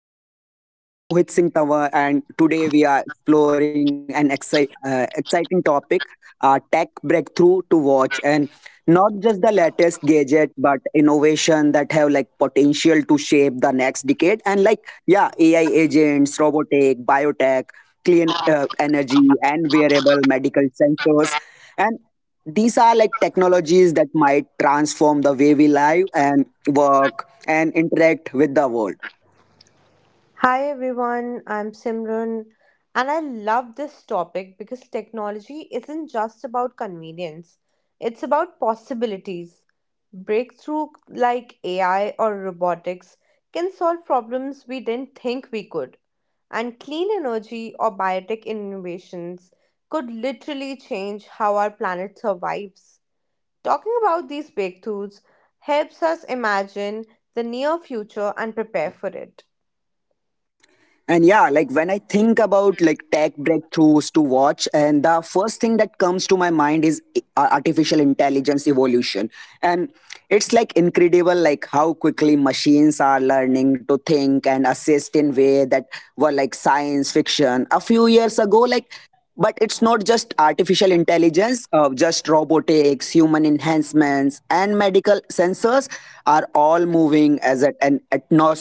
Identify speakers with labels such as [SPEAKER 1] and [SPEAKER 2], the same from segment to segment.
[SPEAKER 1] Our podcast. I am Mohit Singh Tawar, and today we are exploring an exciting topic, tech breakthrough to watch, and not just the latest gadget, but innovation that have like potential to shape the next decade. And like, yeah, AI agents, robotic, biotech, clean energy, and wearable medical sensors. And these are like technologies that might transform the way we live and work and interact with the world
[SPEAKER 2] Hi everyone, I'm Simran, and I love this topic because technology isn't just about convenience, it's about possibilities. Breakthrough like AI or robotics can solve problems we didn't think we could, and clean energy or biotech innovations could literally change how our planet survives. Talking about these breakthroughs helps us imagine the near future and prepare for it.
[SPEAKER 1] and yeah, like when I think about like tech breakthroughs to watch, and the first thing that comes to my mind is artificial intelligence evolution. And it's like incredible, like how quickly machines are learning to think and assist in way that were like science fiction a few years ago, like. But it's not just artificial intelligence, just robotics, human enhancements, and medical sensors are all moving as at an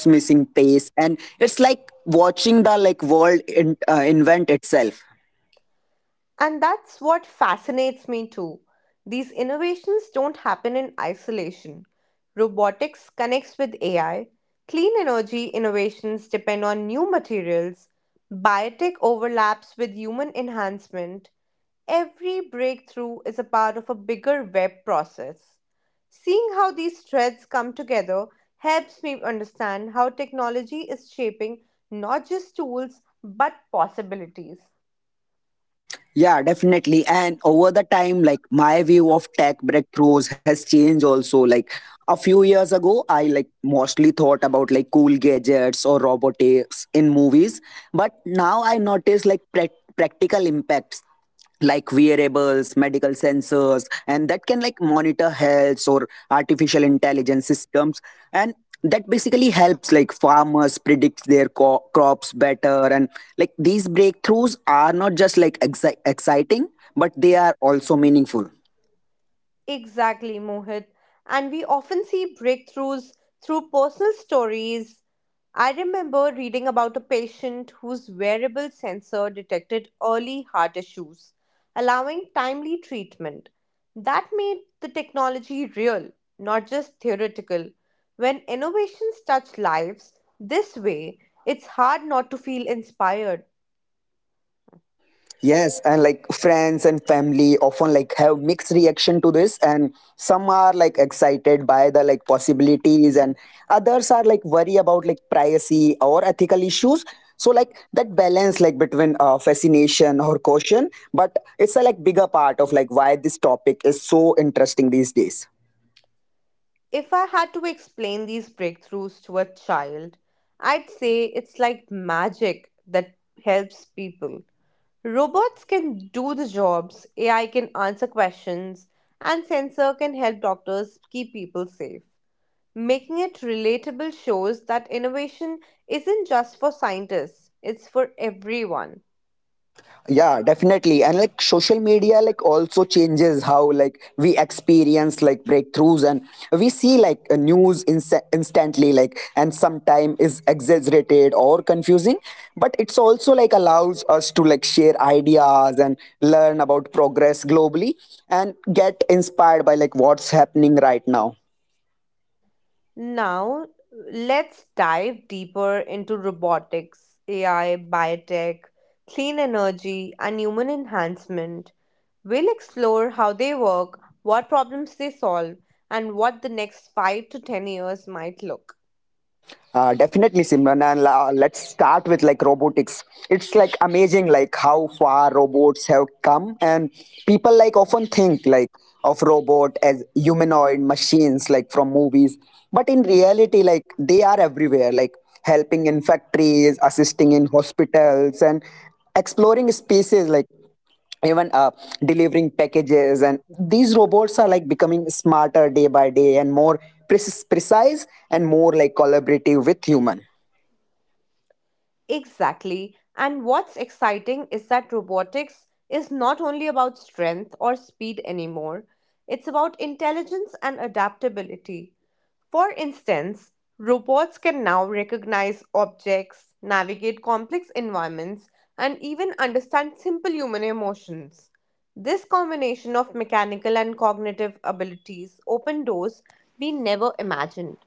[SPEAKER 1] missing pace. And it's like watching the like world in, invent itself.
[SPEAKER 2] And that's what fascinates me too. These innovations don't happen in isolation. Robotics connects with AI, clean energy innovations depend on new materials, biotech overlaps with human enhancement. Every breakthrough is a part of a bigger web process. Seeing how these threads come together helps me understand how technology is shaping not just tools but possibilities.
[SPEAKER 1] Yeah, definitely. And over the time, like my view of tech breakthroughs has changed also. Like a few years ago, I like mostly thought about like cool gadgets or robotics in movies, but now I notice like practical impacts, like wearables, medical sensors and that can like monitor health or artificial intelligence systems and that basically helps like farmers predict their crops better. And like these breakthroughs are not just like exciting, but they are also meaningful.
[SPEAKER 2] Exactly, Mohit. And we often see breakthroughs through personal stories. I remember reading about a patient whose wearable sensor detected early heart issues, allowing timely treatment. That made the technology real, not just theoretical. When innovations touch lives this way, it's hard not to feel inspired.
[SPEAKER 1] Yes, and like friends and family often like have mixed reaction to this, and some are like excited by the like possibilities, and others are like worry about like privacy or ethical issues. So like that balance like between fascination or caution, but it's a like bigger part of like why this topic is so interesting these days.
[SPEAKER 2] If I had to explain these breakthroughs to a child, I'd say it's like magic that helps people. Robots can do the jobs, AI can answer questions, and sensor can help doctors keep people safe. Making it relatable shows that innovation isn't just for scientists, it's for everyone.
[SPEAKER 1] Yeah, definitely. And like social media like also changes how like we experience like breakthroughs, and we see like a news instantly, like, and sometime is exaggerated or confusing, but it's also like allows us to like share ideas and learn about progress globally and get inspired by like what's happening right now.
[SPEAKER 2] Now, let's dive deeper into robotics, AI, biotech, clean energy, and human enhancement. We'll explore how they work, what problems they solve, and what the next 5 to 10 years might look.
[SPEAKER 1] Definitely, Simran, and let's start with like robotics. It's like amazing, like how far robots have come, and people like often think like of robot as humanoid machines, like from movies, but in reality, like they are everywhere, like helping in factories, assisting in hospitals, and exploring spaces, like even delivering packages. And these robots are like becoming smarter day by day and more precise and more like collaborative with human.
[SPEAKER 2] Exactly. And what's exciting is that robotics is not only about strength or speed anymore, it's about intelligence and adaptability. For instance, robots can now recognize objects, navigate complex environments, and even understand simple human emotions. This combination of mechanical and cognitive abilities open doors we never imagined.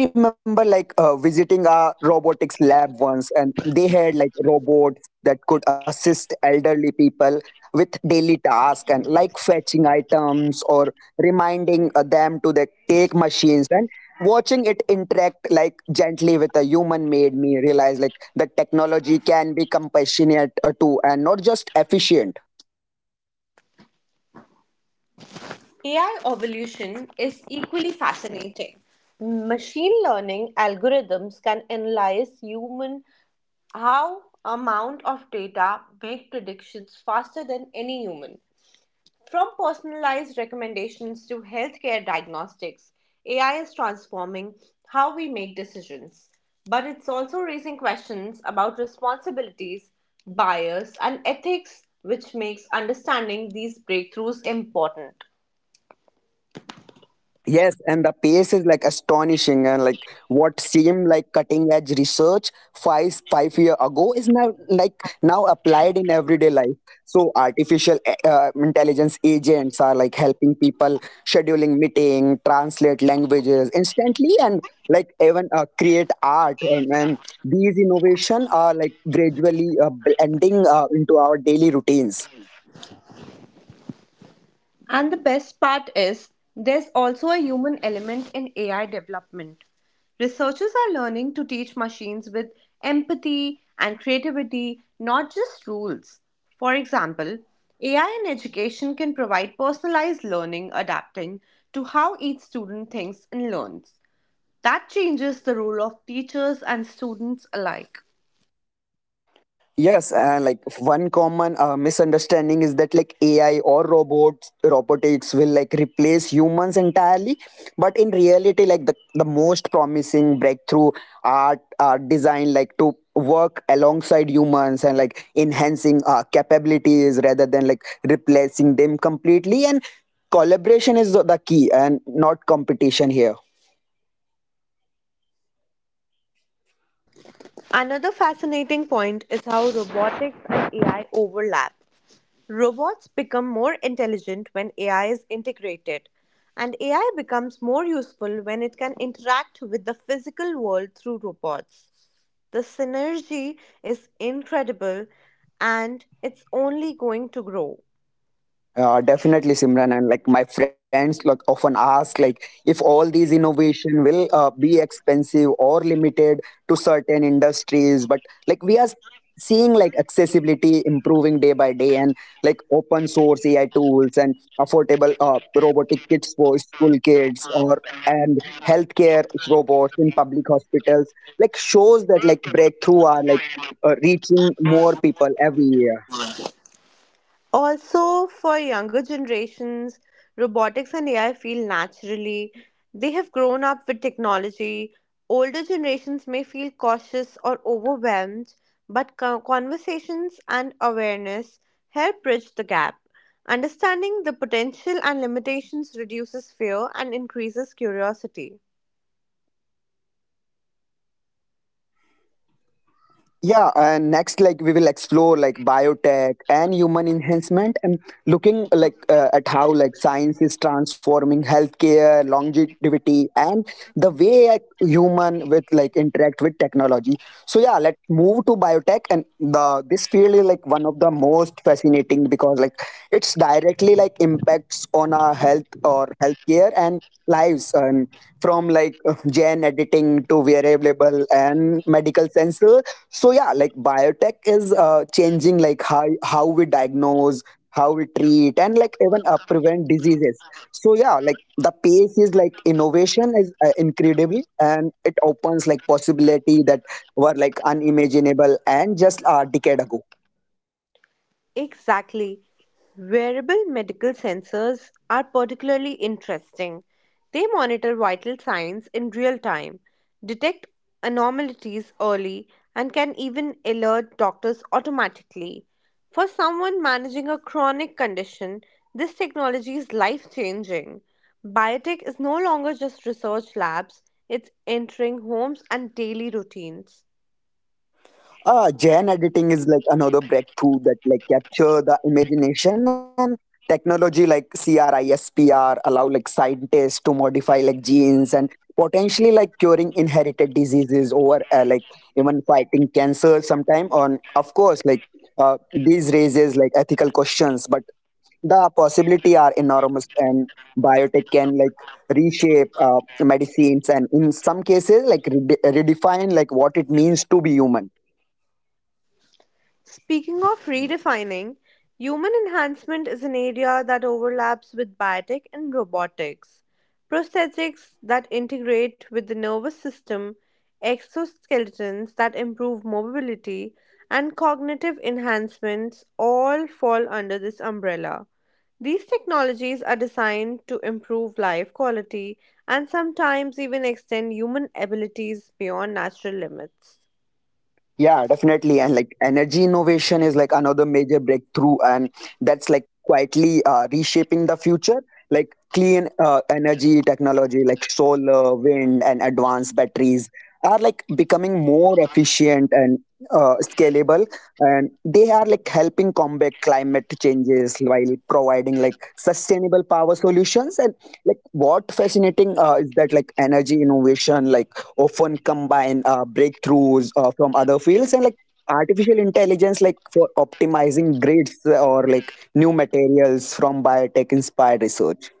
[SPEAKER 1] I remember like visiting a robotics lab once, and they had like robots that could assist elderly people with daily tasks and like fetching items or reminding them to the take machines, and watching it interact like gently with a human made me realize like the technology can be compassionate too and not just efficient.
[SPEAKER 2] AI evolution is equally fascinating. Machine learning algorithms can analyze human how amount of data, make predictions faster than any human. From personalized recommendations to healthcare diagnostics, AI is transforming how we make decisions. But it's also raising questions about responsibilities, bias, and ethics, which makes understanding these breakthroughs important.
[SPEAKER 1] Yes, and the pace is like astonishing, and like what seemed like cutting edge research five five year ago is now like now applied in everyday life. So artificial intelligence agents are like helping people scheduling meeting, translate languages instantly, and like even create art. And these innovation are like gradually blending into our daily routines.
[SPEAKER 2] And the best part is, there's also a human element in AI development. Researchers are learning to teach machines with empathy and creativity, not just rules. For example, AI in education can provide personalized learning adapting to how each student thinks and learns. That changes the role of teachers and students alike.
[SPEAKER 1] Yes, and like one common misunderstanding is that like AI or robots, robotics will like replace humans entirely. But in reality, like the most promising breakthrough art are designed like to work alongside humans and like enhancing capabilities rather than like replacing them completely. And collaboration is the key and not competition here.
[SPEAKER 2] Another fascinating point is how robotics and AI overlap. Robots become more intelligent when AI is integrated, and AI becomes more useful when it can interact with the physical world through robots. The synergy is incredible and it's only going to grow.
[SPEAKER 1] Definitely, Simran, and like my friends, like often ask, like if all these innovation will be expensive or limited to certain industries, but like we are seeing like accessibility improving day by day, and like open source AI tools and affordable robotic kits for school kids or and healthcare robots in public hospitals, like shows that like breakthrough are like reaching more people every year.
[SPEAKER 2] Also, for younger generations, robotics and AI feel naturally. They have grown up with technology. Older generations may feel cautious or overwhelmed, but conversations and awareness help bridge the gap. Understanding the potential and limitations reduces fear and increases curiosity.
[SPEAKER 1] Yeah, and next, like we will explore like biotech and human enhancement and looking like at how like science is transforming healthcare, longevity, and the way like human with like interact with technology. So yeah, let's move to biotech. And the this field is like one of the most fascinating because like it's directly like impacts on our health or healthcare and lives, and from like gene editing to wearable and medical sensors. So yeah, like biotech is changing like how we diagnose, how we treat and like even prevent diseases. So yeah, like the pace is like innovation is incredible, and it opens like possibility that were like unimaginable and just a decade ago.
[SPEAKER 2] Exactly. Wearable medical sensors are particularly interesting. They monitor vital signs in real time, detect anomalies early, and can even alert doctors automatically. For someone managing a chronic condition, this technology is life changing. Biotech is no longer just research labs, it's entering homes and daily routines.
[SPEAKER 1] Gen editing is like another breakthrough that like capture the imagination, and technology like CRISPR allow like scientists to modify like genes and potentially like curing inherited diseases or like even fighting cancer sometime on. Of course, like these raises like ethical questions, but the possibility are enormous and biotech can like reshape medicines and in some cases like redefine like what it means to be human.
[SPEAKER 2] Speaking of redefining, human enhancement is an area that overlaps with biotic and robotics. Prosthetics that integrate with the nervous system, exoskeletons that improve mobility, and cognitive enhancements all fall under this umbrella. These technologies are designed to improve life quality and sometimes even extend human abilities beyond natural limits.
[SPEAKER 1] Yeah, definitely. And like energy innovation is like another major breakthrough, and that's like quietly reshaping the future. Like clean energy technology, like solar, wind, and advanced batteries are like becoming more efficient and scalable, and they are like helping combat climate changes while providing like sustainable power solutions. And like what fascinating is that like energy innovation, like often combine breakthroughs from other fields, and like artificial intelligence like for optimizing grids or like new materials from biotech inspired research.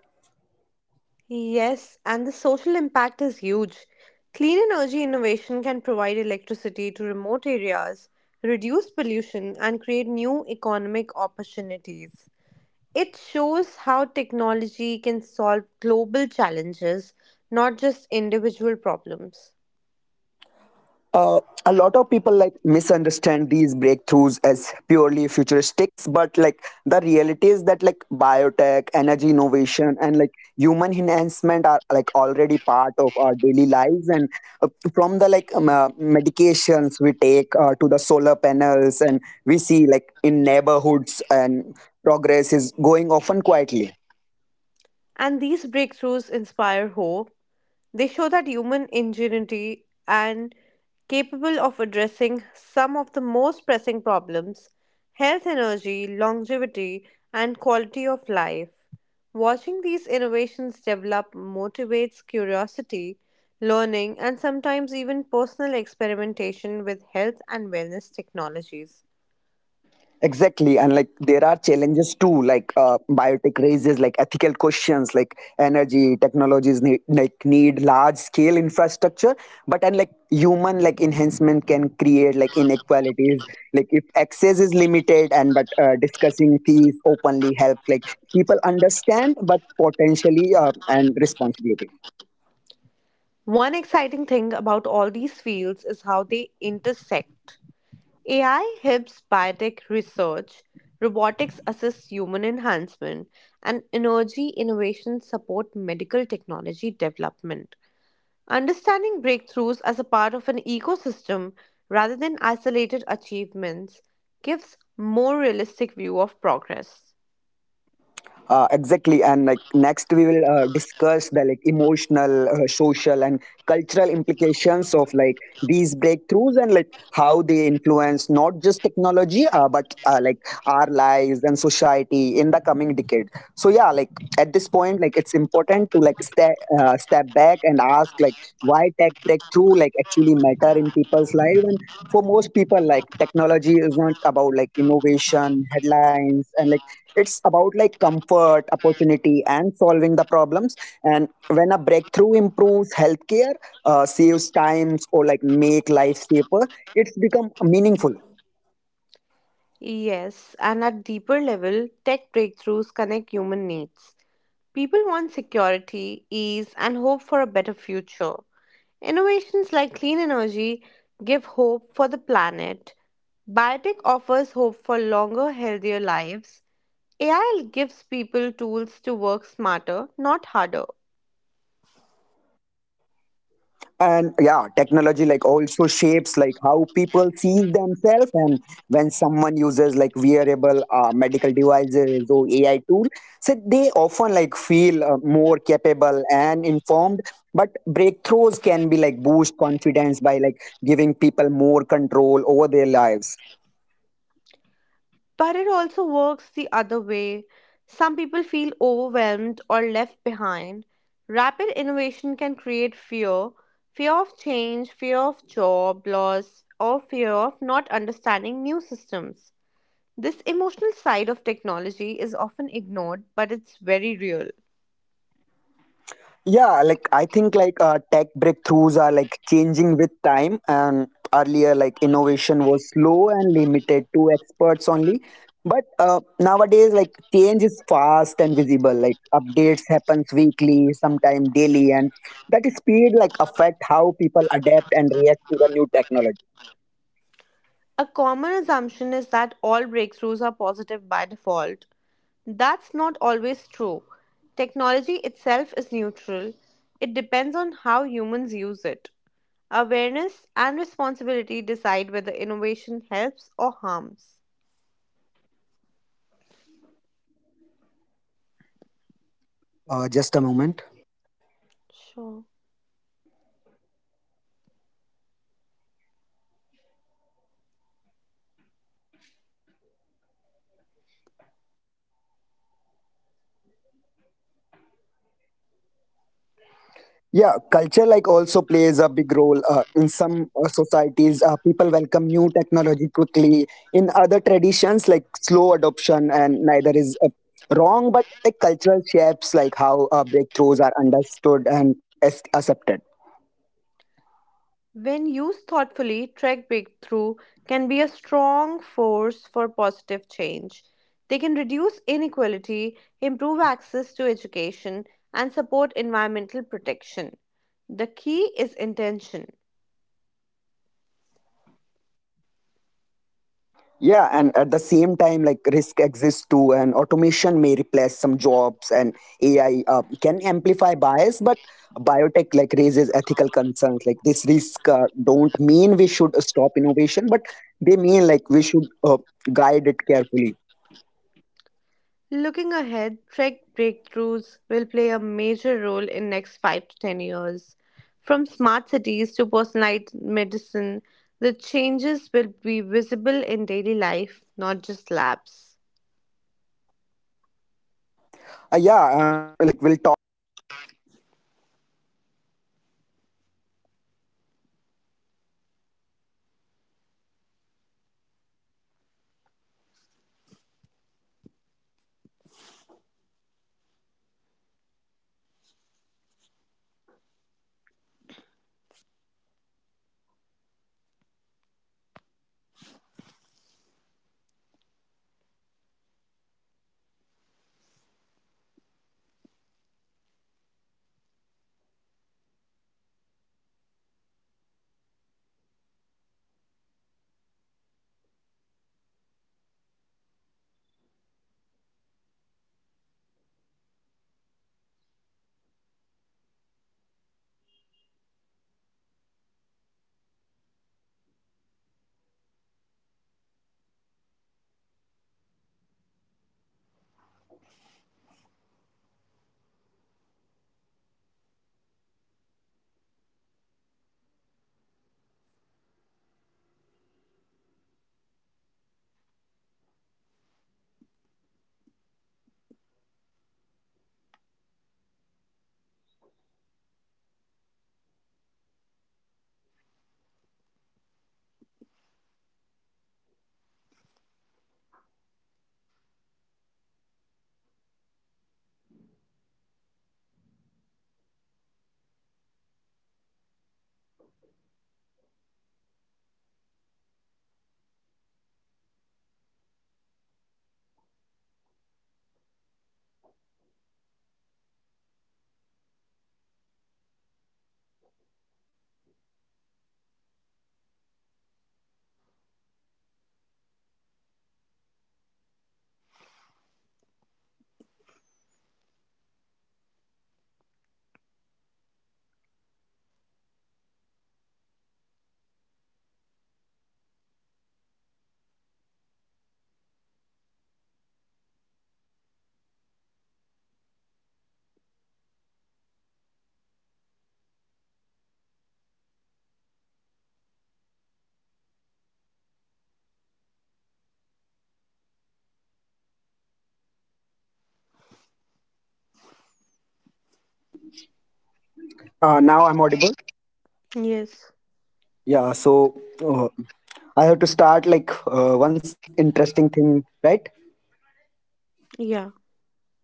[SPEAKER 2] Yes, and the social impact is huge. Clean energy innovation can provide electricity to remote areas, reduce pollution, and create new economic opportunities. It shows how technology can solve global challenges, not just individual problems.
[SPEAKER 1] Uh, a lot of people like misunderstand these breakthroughs as purely futuristic, but like the reality is that like biotech, energy innovation, and like human enhancement are like already part of our daily lives, and uh, from the like medications we take to the solar panels, and we see like in neighborhoods, and progress is going often quietly.
[SPEAKER 2] And these breakthroughs inspire hope. They show that human ingenuity and capable of addressing some of the most pressing problems health, energy, longevity, and quality of life. Watching these innovations develop motivates curiosity, learning, and sometimes even personal experimentation with health and wellness technologies.
[SPEAKER 1] Exactly, and like there are challenges too. Like biotech raises like ethical questions, like energy technologies need large scale infrastructure. But and like human like enhancement can create like inequalities, like if access is limited. And but discussing these openly helps like people understand, but potentially and responsibility.
[SPEAKER 2] One exciting thing about all these fields is how they intersect. AI helps biotech research, robotics assists human enhancement, and energy innovations support medical technology development. Understanding breakthroughs as a part of an ecosystem rather than isolated achievements gives more realistic view of progress.
[SPEAKER 1] Exactly, and like next we will discuss the like emotional, social, and cultural implications of like these breakthroughs and like how they influence not just technology, but like our lives and society in the coming decade. So yeah, like at this point, like it's important to like step back and ask like why tech breakthrough like actually matter in people's life. And for most people, like technology is not about like innovation headlines, and like it's about like comfort, opportunity, and solving the problems. And when a breakthrough improves healthcare, saves times, or like make life safer, it's become meaningful.
[SPEAKER 2] Yes, and at deeper level, tech breakthroughs connect human needs. People want security, ease, and hope for a better future. Innovations like clean energy give hope for the planet. Biotech offers hope for longer, healthier lives. AI gives people tools to work smarter, not harder.
[SPEAKER 1] And yeah, technology like also shapes like how people see themselves. And when someone uses like wearable medical devices or AI tool, so they often like feel more capable and informed, but breakthroughs can be like boost confidence by like giving people more control over their lives.
[SPEAKER 2] But it also works the other way. Some people feel overwhelmed or left behind. Rapid innovation can create fear, fear of change, fear of job loss, or fear of not understanding new systems. This emotional side of technology is often ignored, but it's very real.
[SPEAKER 1] Yeah, like I think like tech breakthroughs are like changing with time, and earlier like innovation was slow and limited to experts only. But nowadays, like change is fast and visible. Like updates happens weekly, sometimes daily, and that speed like affect how people adapt and react to the new technology.
[SPEAKER 2] A common assumption is that all breakthroughs are positive by default. That's not always true. Technology itself is neutral, it depends on how humans use it. Awareness and responsibility decide whether innovation helps or harms.
[SPEAKER 1] Just a moment.
[SPEAKER 2] Sure.
[SPEAKER 1] Yeah, culture like also plays a big role in some societies. People welcome new technology quickly. In other traditions, like slow adoption, and neither is wrong. But like cultural shapes, like how breakthroughs are understood and accepted.
[SPEAKER 2] When used thoughtfully, tech breakthrough can be a strong force for positive change. They can reduce inequality, improve access to education, and support environmental protection. The key is intention.
[SPEAKER 1] Yeah, and at the same time, like risk exists too. And automation may replace some jobs, and AI can amplify bias. But biotech like raises ethical concerns. Like this risk don't mean we should stop innovation, but they mean like we should guide it carefully.
[SPEAKER 2] Looking ahead, tech breakthroughs will play a major role in next 5 to 10 years. From smart cities to personalized medicine, the changes will be visible in daily life, not just labs.
[SPEAKER 1] Yeah, like we'll talk about like generational differences, like how younger and older people sees like these breakthrough differently, and like how media shapes our understanding or innovation. So yeah, like one interesting thing about tech breakthrough is like how differently people from different generation, different sectors see them. And like yeah, younger people are often grow up with like technology, so for them innovation like feels normal, and AI assistants, smart devices, and automation like don't feel surprising, but they feel like expected. Hello. Hello. Hello. Hello. I audible.
[SPEAKER 2] Yes.
[SPEAKER 1] Yeah, so uh, I have to start like once interesting thing, right?
[SPEAKER 2] Yeah.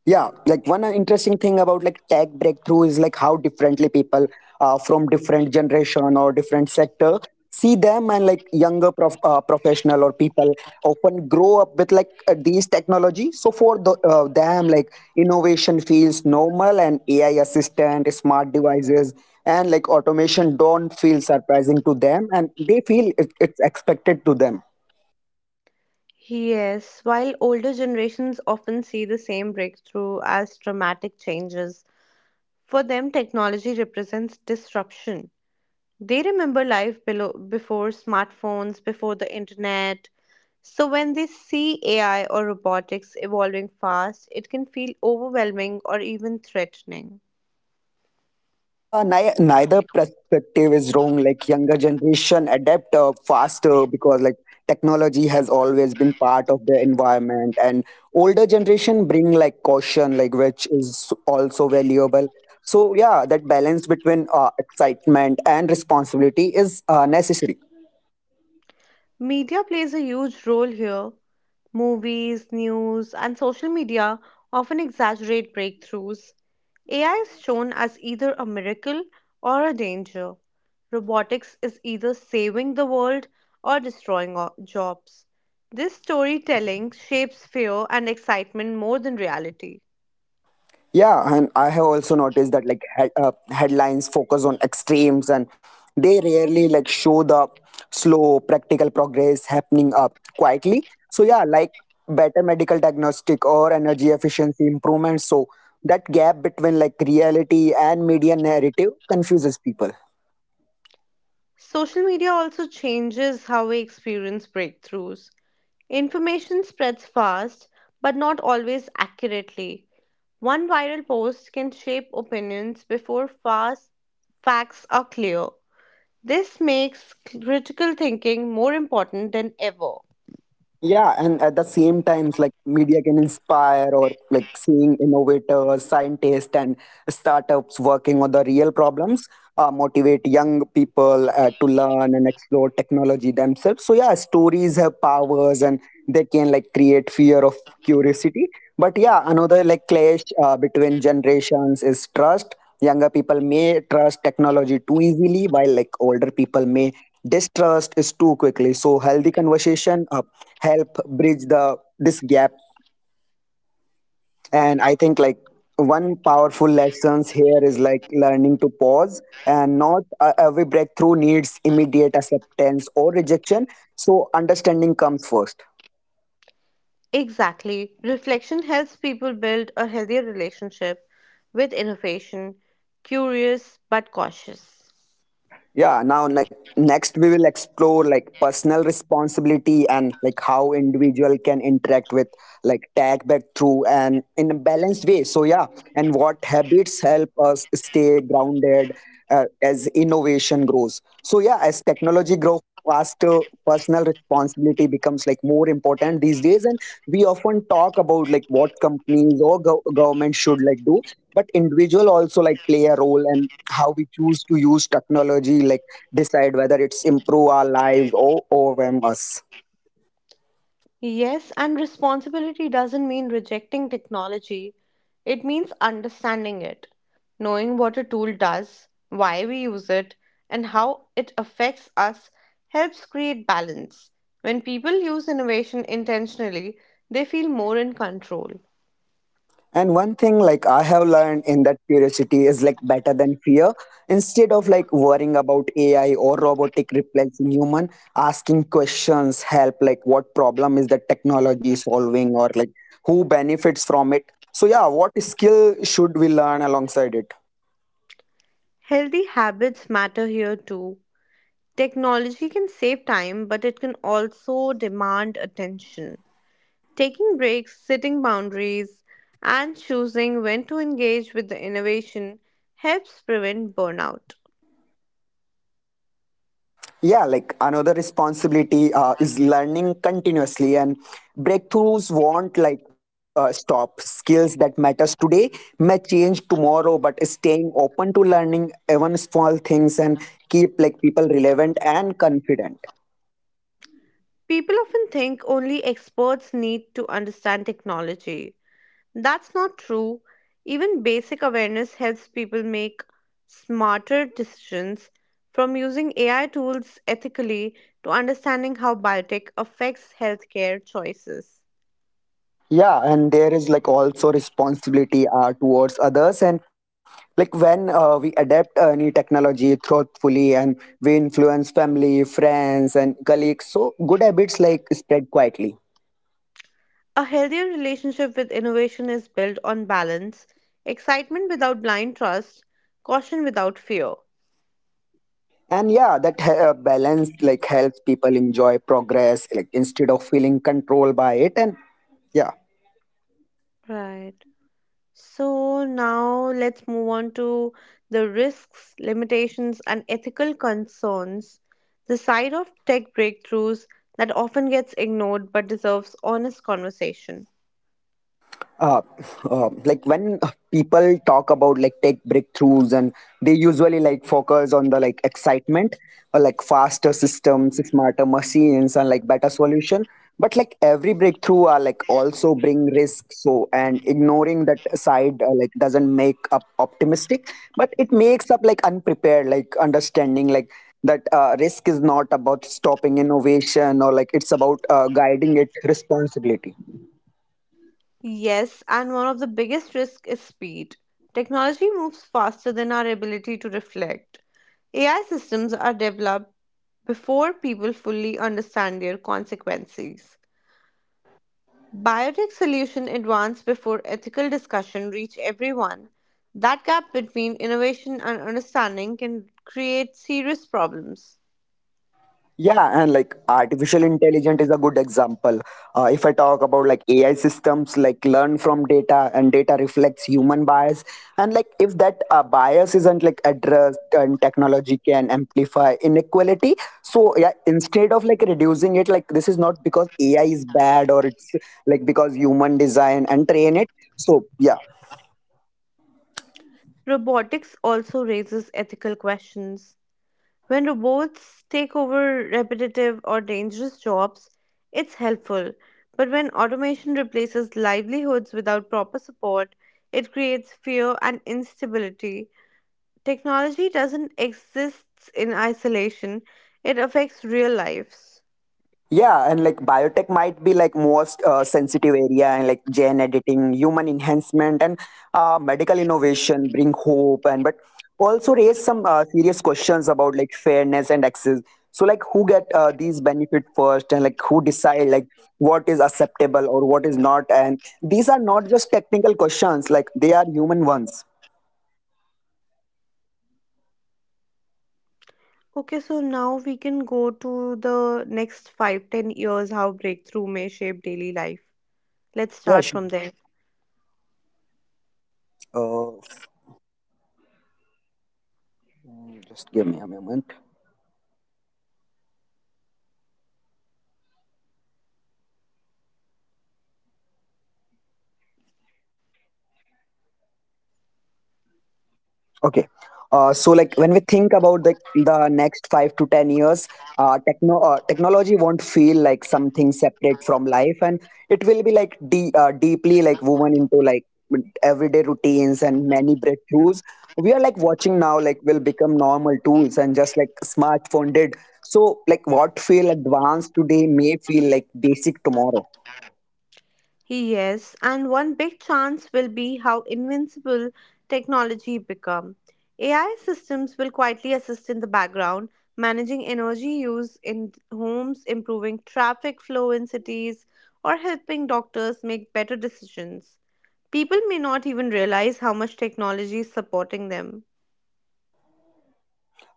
[SPEAKER 1] Yeah, like one interesting thing about like tech breakthrough is like how differently people from different generation or different sector see them, and like younger professional or people often grow up with like these technology. So for them, like innovation feels normal and AI assistant, smart devices, and like automation don't feel surprising to them, and they feel it's expected to them.
[SPEAKER 2] Yes. While older generations often see the same breakthrough as dramatic changes, for them technology represents disruption. They remember life below, before smartphones, before the internet. So, when they see AI or robotics evolving fast, it can feel overwhelming or even threatening.
[SPEAKER 1] Neither perspective is wrong. Like younger generation adapt faster because like technology has always been part of their environment, and older generation bring like caution, like which is also valuable. So yeah, that balance between excitement and responsibility is necessary.
[SPEAKER 2] Media plays a huge role here. Movies, news, and social media often exaggerate breakthroughs. AI is shown as either a miracle or a danger. Robotics is either saving the world or destroying jobs. This storytelling shapes fear and excitement more than reality.
[SPEAKER 1] Yeah, and I have also noticed that like headlines focus on extremes, and they rarely like show the slow practical progress happening up quietly. So yeah, like better medical diagnostic or energy efficiency improvements. So that gap between like reality and media narrative confuses people.
[SPEAKER 2] Social media also changes how we experience breakthroughs. Information spreads fast, but not always accurately. One viral post can shape opinions before fast facts are clear. This makes critical thinking more important than ever.
[SPEAKER 1] Yeah, and at the same times, like media can inspire or like seeing innovators, scientists, and startups working on the real problems, motivate young people to learn and explore technology themselves. So yeah, stories have powers, and they can like create fear of curiosity. But yeah, another like clash between generations is trust. Younger people may trust technology too easily, while like older people may distrust is too quickly. So healthy conversation help bridge the this gap. And I think like one powerful lessons here is like learning to pause, and not every breakthrough needs immediate acceptance or rejection, so understanding comes first.
[SPEAKER 2] Exactly. Reflection helps people build a healthier relationship with innovation, curious but cautious.
[SPEAKER 1] Yeah, now next we will explore like personal responsibility and like how individual can interact with like tag back through and in a balanced way. So yeah, and what habits help us stay grounded as innovation grows. So yeah, as technology grows faster, personal responsibility becomes like more important these days, and we often talk about like what companies or government should like do, but individual also like play a role, and how we choose to use technology like decide whether it's improve our lives or overwhelm us.
[SPEAKER 2] Yes, and responsibility doesn't mean rejecting technology, it means understanding it, knowing what a tool does, why we use it, and how it affects us helps create balance. When people use innovation intentionally, they feel more in control.
[SPEAKER 1] And one thing like I have learned in that curiosity is like better than fear. Instead of like worrying about AI or robotic replacing human, asking questions help like what problem is the technology solving, or like who benefits from it. So yeah, what skill should we learn alongside it?
[SPEAKER 2] Healthy habits matter here too. Technology can save time, but it can also demand attention. Taking breaks, setting boundaries, and choosing when to engage with the innovation helps prevent burnout.
[SPEAKER 1] Yeah, like another responsibility is learning continuously, and breakthroughs won't like stop. Skills that matters today may change tomorrow, but staying open to learning even small things and keep like people relevant and confident.
[SPEAKER 2] People often think only experts need to understand technology. That's not true. Even basic awareness helps people make smarter decisions from using AI tools ethically to understanding how biotech affects healthcare choices.
[SPEAKER 1] Yeah, and there is like also responsibility towards others, and like when we adapt any technology thoughtfully, and we influence family, friends, and colleagues. So good habits like spread quietly.
[SPEAKER 2] A healthier relationship with innovation is built on balance, excitement without blind trust, caution without fear.
[SPEAKER 1] And yeah, that balance like helps people enjoy progress, like instead of feeling controlled by it. And yeah.
[SPEAKER 2] Right. So now let's move on to the risks, limitations, and ethical concerns. The side of tech breakthroughs that often gets ignored but deserves honest conversation.
[SPEAKER 1] uh, like when people talk about like tech breakthroughs, and they usually like focus on the like excitement, or like faster systems, smarter machines, and like better solution, but like every breakthrough are like also bring risk. So and ignoring that side like doesn't make up optimistic, but it makes up like unprepared, like understanding like that risk is not about stopping innovation, or like it's about guiding it responsibility.
[SPEAKER 2] Yes, and one of the biggest risks is speed. Technology moves faster than our ability to reflect. AI systems are developed before people fully understand their consequences. Biotech solutions advance before ethical discussion reach everyone. That gap between innovation and understanding can create serious problems.
[SPEAKER 1] Yeah, and like artificial intelligence is a good example. If I talk about like AI systems, like learn from data, and data reflects human bias, and like if that bias isn't like addressed, and technology can amplify inequality. So yeah, instead of like reducing it, like this is not because AI is bad, or it's like because human design and train it. So yeah,
[SPEAKER 2] Robotics also raises ethical questions. When robots take over repetitive or dangerous jobs, it's helpful. But when automation replaces livelihoods without proper support, it creates fear and instability. Technology doesn't exist in isolation, it affects real lives.
[SPEAKER 1] yeah, and like biotech might be like most sensitive area, and like gene editing, human enhancement, and medical innovation bring hope, and but also raise some serious questions about like fairness and access. So like who get these benefit first, and like who decide like what is acceptable or what is not, and these are not just technical questions, like they are human ones.
[SPEAKER 2] Okay, so now we can go to the next 5-10 years how breakthrough may shape daily life. Let's
[SPEAKER 1] Yeah,
[SPEAKER 2] start
[SPEAKER 1] sure.
[SPEAKER 2] from there.
[SPEAKER 1] Uh, just give me a moment. Okay. So, like when we think about the next 5 to 10 years, technology won't feel like something separate from life, and it will be like deeply like woven into like everyday routines, and many breakthroughs we are like watching now like will become normal tools, and just like smartphone did. So, like what feel advanced today may feel like basic tomorrow.
[SPEAKER 2] Yes, and one big chance will be how invincible technology become. AI systems will quietly assist in the background, managing energy use in homes, improving traffic flow in cities, or helping doctors make better decisions. People may not even realize how much technology is supporting them.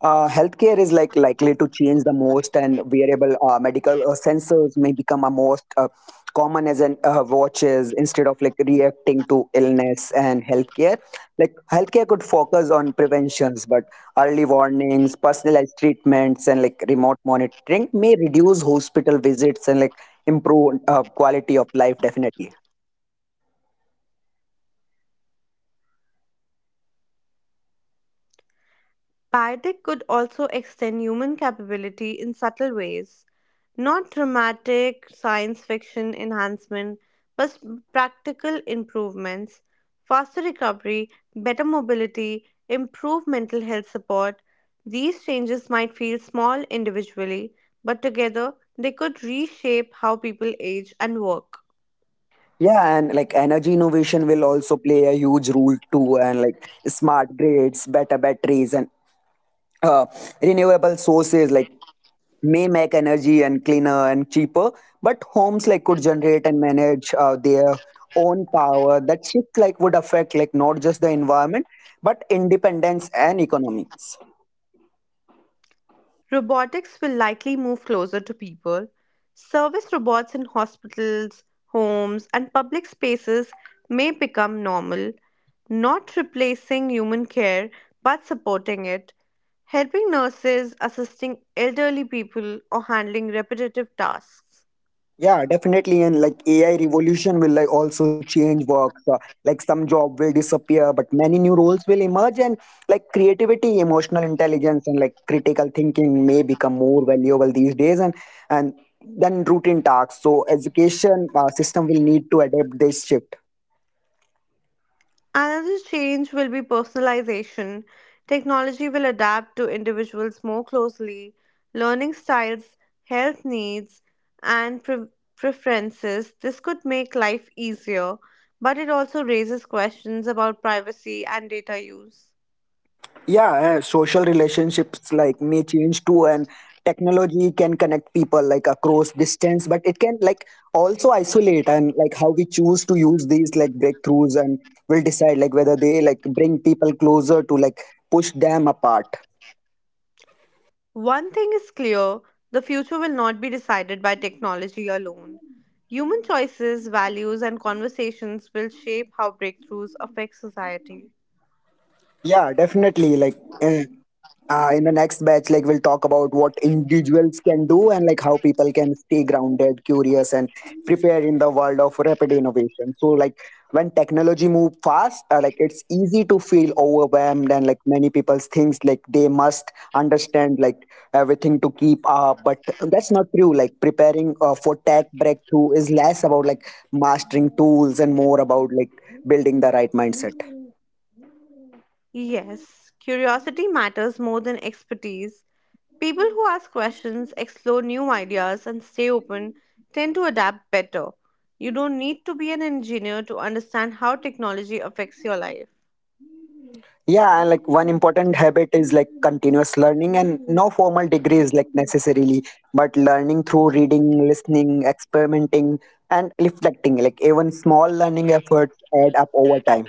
[SPEAKER 1] Healthcare is like likely to change the most, and wearable medical sensors may become a most common as an watches instead of like reacting to illness and healthcare. Like healthcare could focus on preventions, but early warnings, personalized treatments, and like remote monitoring may reduce hospital visits, and like improve quality of life definitely.
[SPEAKER 2] Biotech could also extend human capability in subtle ways. Not dramatic science fiction enhancement, but practical improvements, faster recovery, better mobility, improved mental health support. These changes might feel small individually, but together they could reshape how people age and work.
[SPEAKER 1] Yeah, and like energy innovation will also play a huge role too, and like smart grids, better batteries, and Uh, renewable sources like may make energy and cleaner and cheaper, but homes like could generate and manage their own power. That shift like would affect like not just the environment, but independence and economics.
[SPEAKER 2] Robotics will likely move closer to people. Service robots in hospitals, homes, and public spaces may become normal, not replacing human care but supporting it, helping nurses, assisting elderly people, or handling repetitive tasks.
[SPEAKER 1] Yeah, definitely. And like AI revolution will like also change work. So, like some job will disappear, but many new roles will emerge. And like creativity, emotional intelligence, and like critical thinking may become more valuable these days. And then routine tasks. So education system will need to adapt this shift.
[SPEAKER 2] Another change will be personalization. Technology will adapt to individuals more closely, learning styles, health needs, and preferences. This could make life easier, but it also raises questions about privacy and data use.
[SPEAKER 1] Yeah, social relationships like may change too, and technology can connect people like across distance, but it can like also isolate. And like how we choose to use these like breakthroughs and will decide like whether they like bring people closer to like push them apart.
[SPEAKER 2] One thing is clear, the future will not be decided by technology alone. Human choices, values, and conversations will shape how breakthroughs affect society.
[SPEAKER 1] Yeah, definitely. Like in, in the next batch, like we'll talk about what individuals can do, and like how people can stay grounded, curious, and prepared in the world of rapid innovation. So like when technology move fast, like it's easy to feel overwhelmed, and like many people thinks like they must understand like everything to keep up, but that's not true. Like preparing for tech breakthrough is less about like mastering tools, and more about like building the right mindset.
[SPEAKER 2] Yes, curiosity matters more than expertise. People who ask questions, explore new ideas, and stay open tend to adapt better. You don't need to be an engineer to understand how technology affects your life.
[SPEAKER 1] Yeah, and like one important habit is like continuous learning, and no formal degree is like necessarily, but learning through reading, listening, experimenting, and reflecting. Like even small learning efforts add up over time.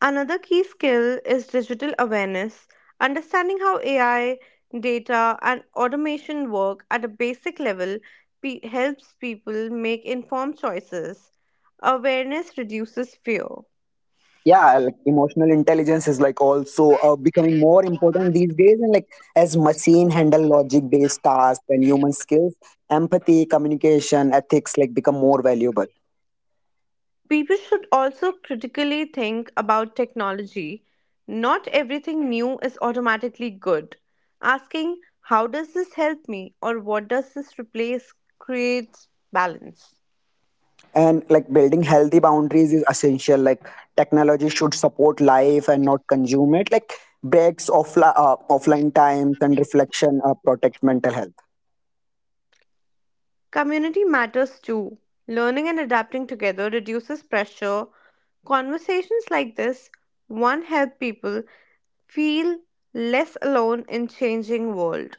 [SPEAKER 2] Another key skill is digital awareness, understanding how AI, data, and automation work at a basic level helps people make informed choices. Awareness reduces fear.
[SPEAKER 1] Yeah, like emotional intelligence is like also becoming more important these days, and like as machine handle logic based tasks and human skills, empathy, communication, ethics like become more valuable.
[SPEAKER 2] People should also critically think about technology. Not everything new is automatically good. Asking, how does this help me or what does this replace, creates balance.
[SPEAKER 1] And like building healthy boundaries is essential. Like technology should support life and not consume it. Like breaks, offline times, and reflection protect mental health.
[SPEAKER 2] Community matters too. Learning and adapting together reduces pressure. Conversations like this one help people feel less alone in changing world.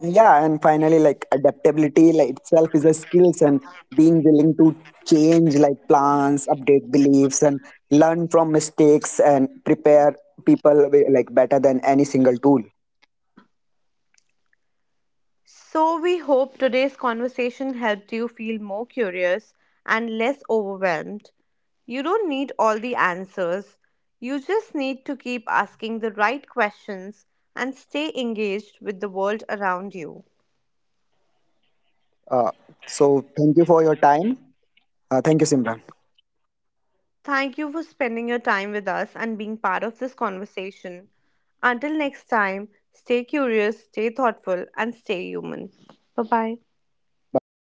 [SPEAKER 1] Yeah, and finally, like adaptability like itself is a skills, and being willing to change like plans, update beliefs, and learn from mistakes, and prepare people like better than any single tool.
[SPEAKER 2] So we hope today's conversation helped you feel more curious and less overwhelmed. You don't need all the answers. You just need to keep asking the right questions and stay engaged with the world around you.
[SPEAKER 1] Uh, so thank you for your time. Thank you, Simran.
[SPEAKER 2] Thank you for spending your time with us and being part of this conversation. Until next time, stay curious, stay thoughtful, and stay human. Bye bye.
[SPEAKER 1] Bye.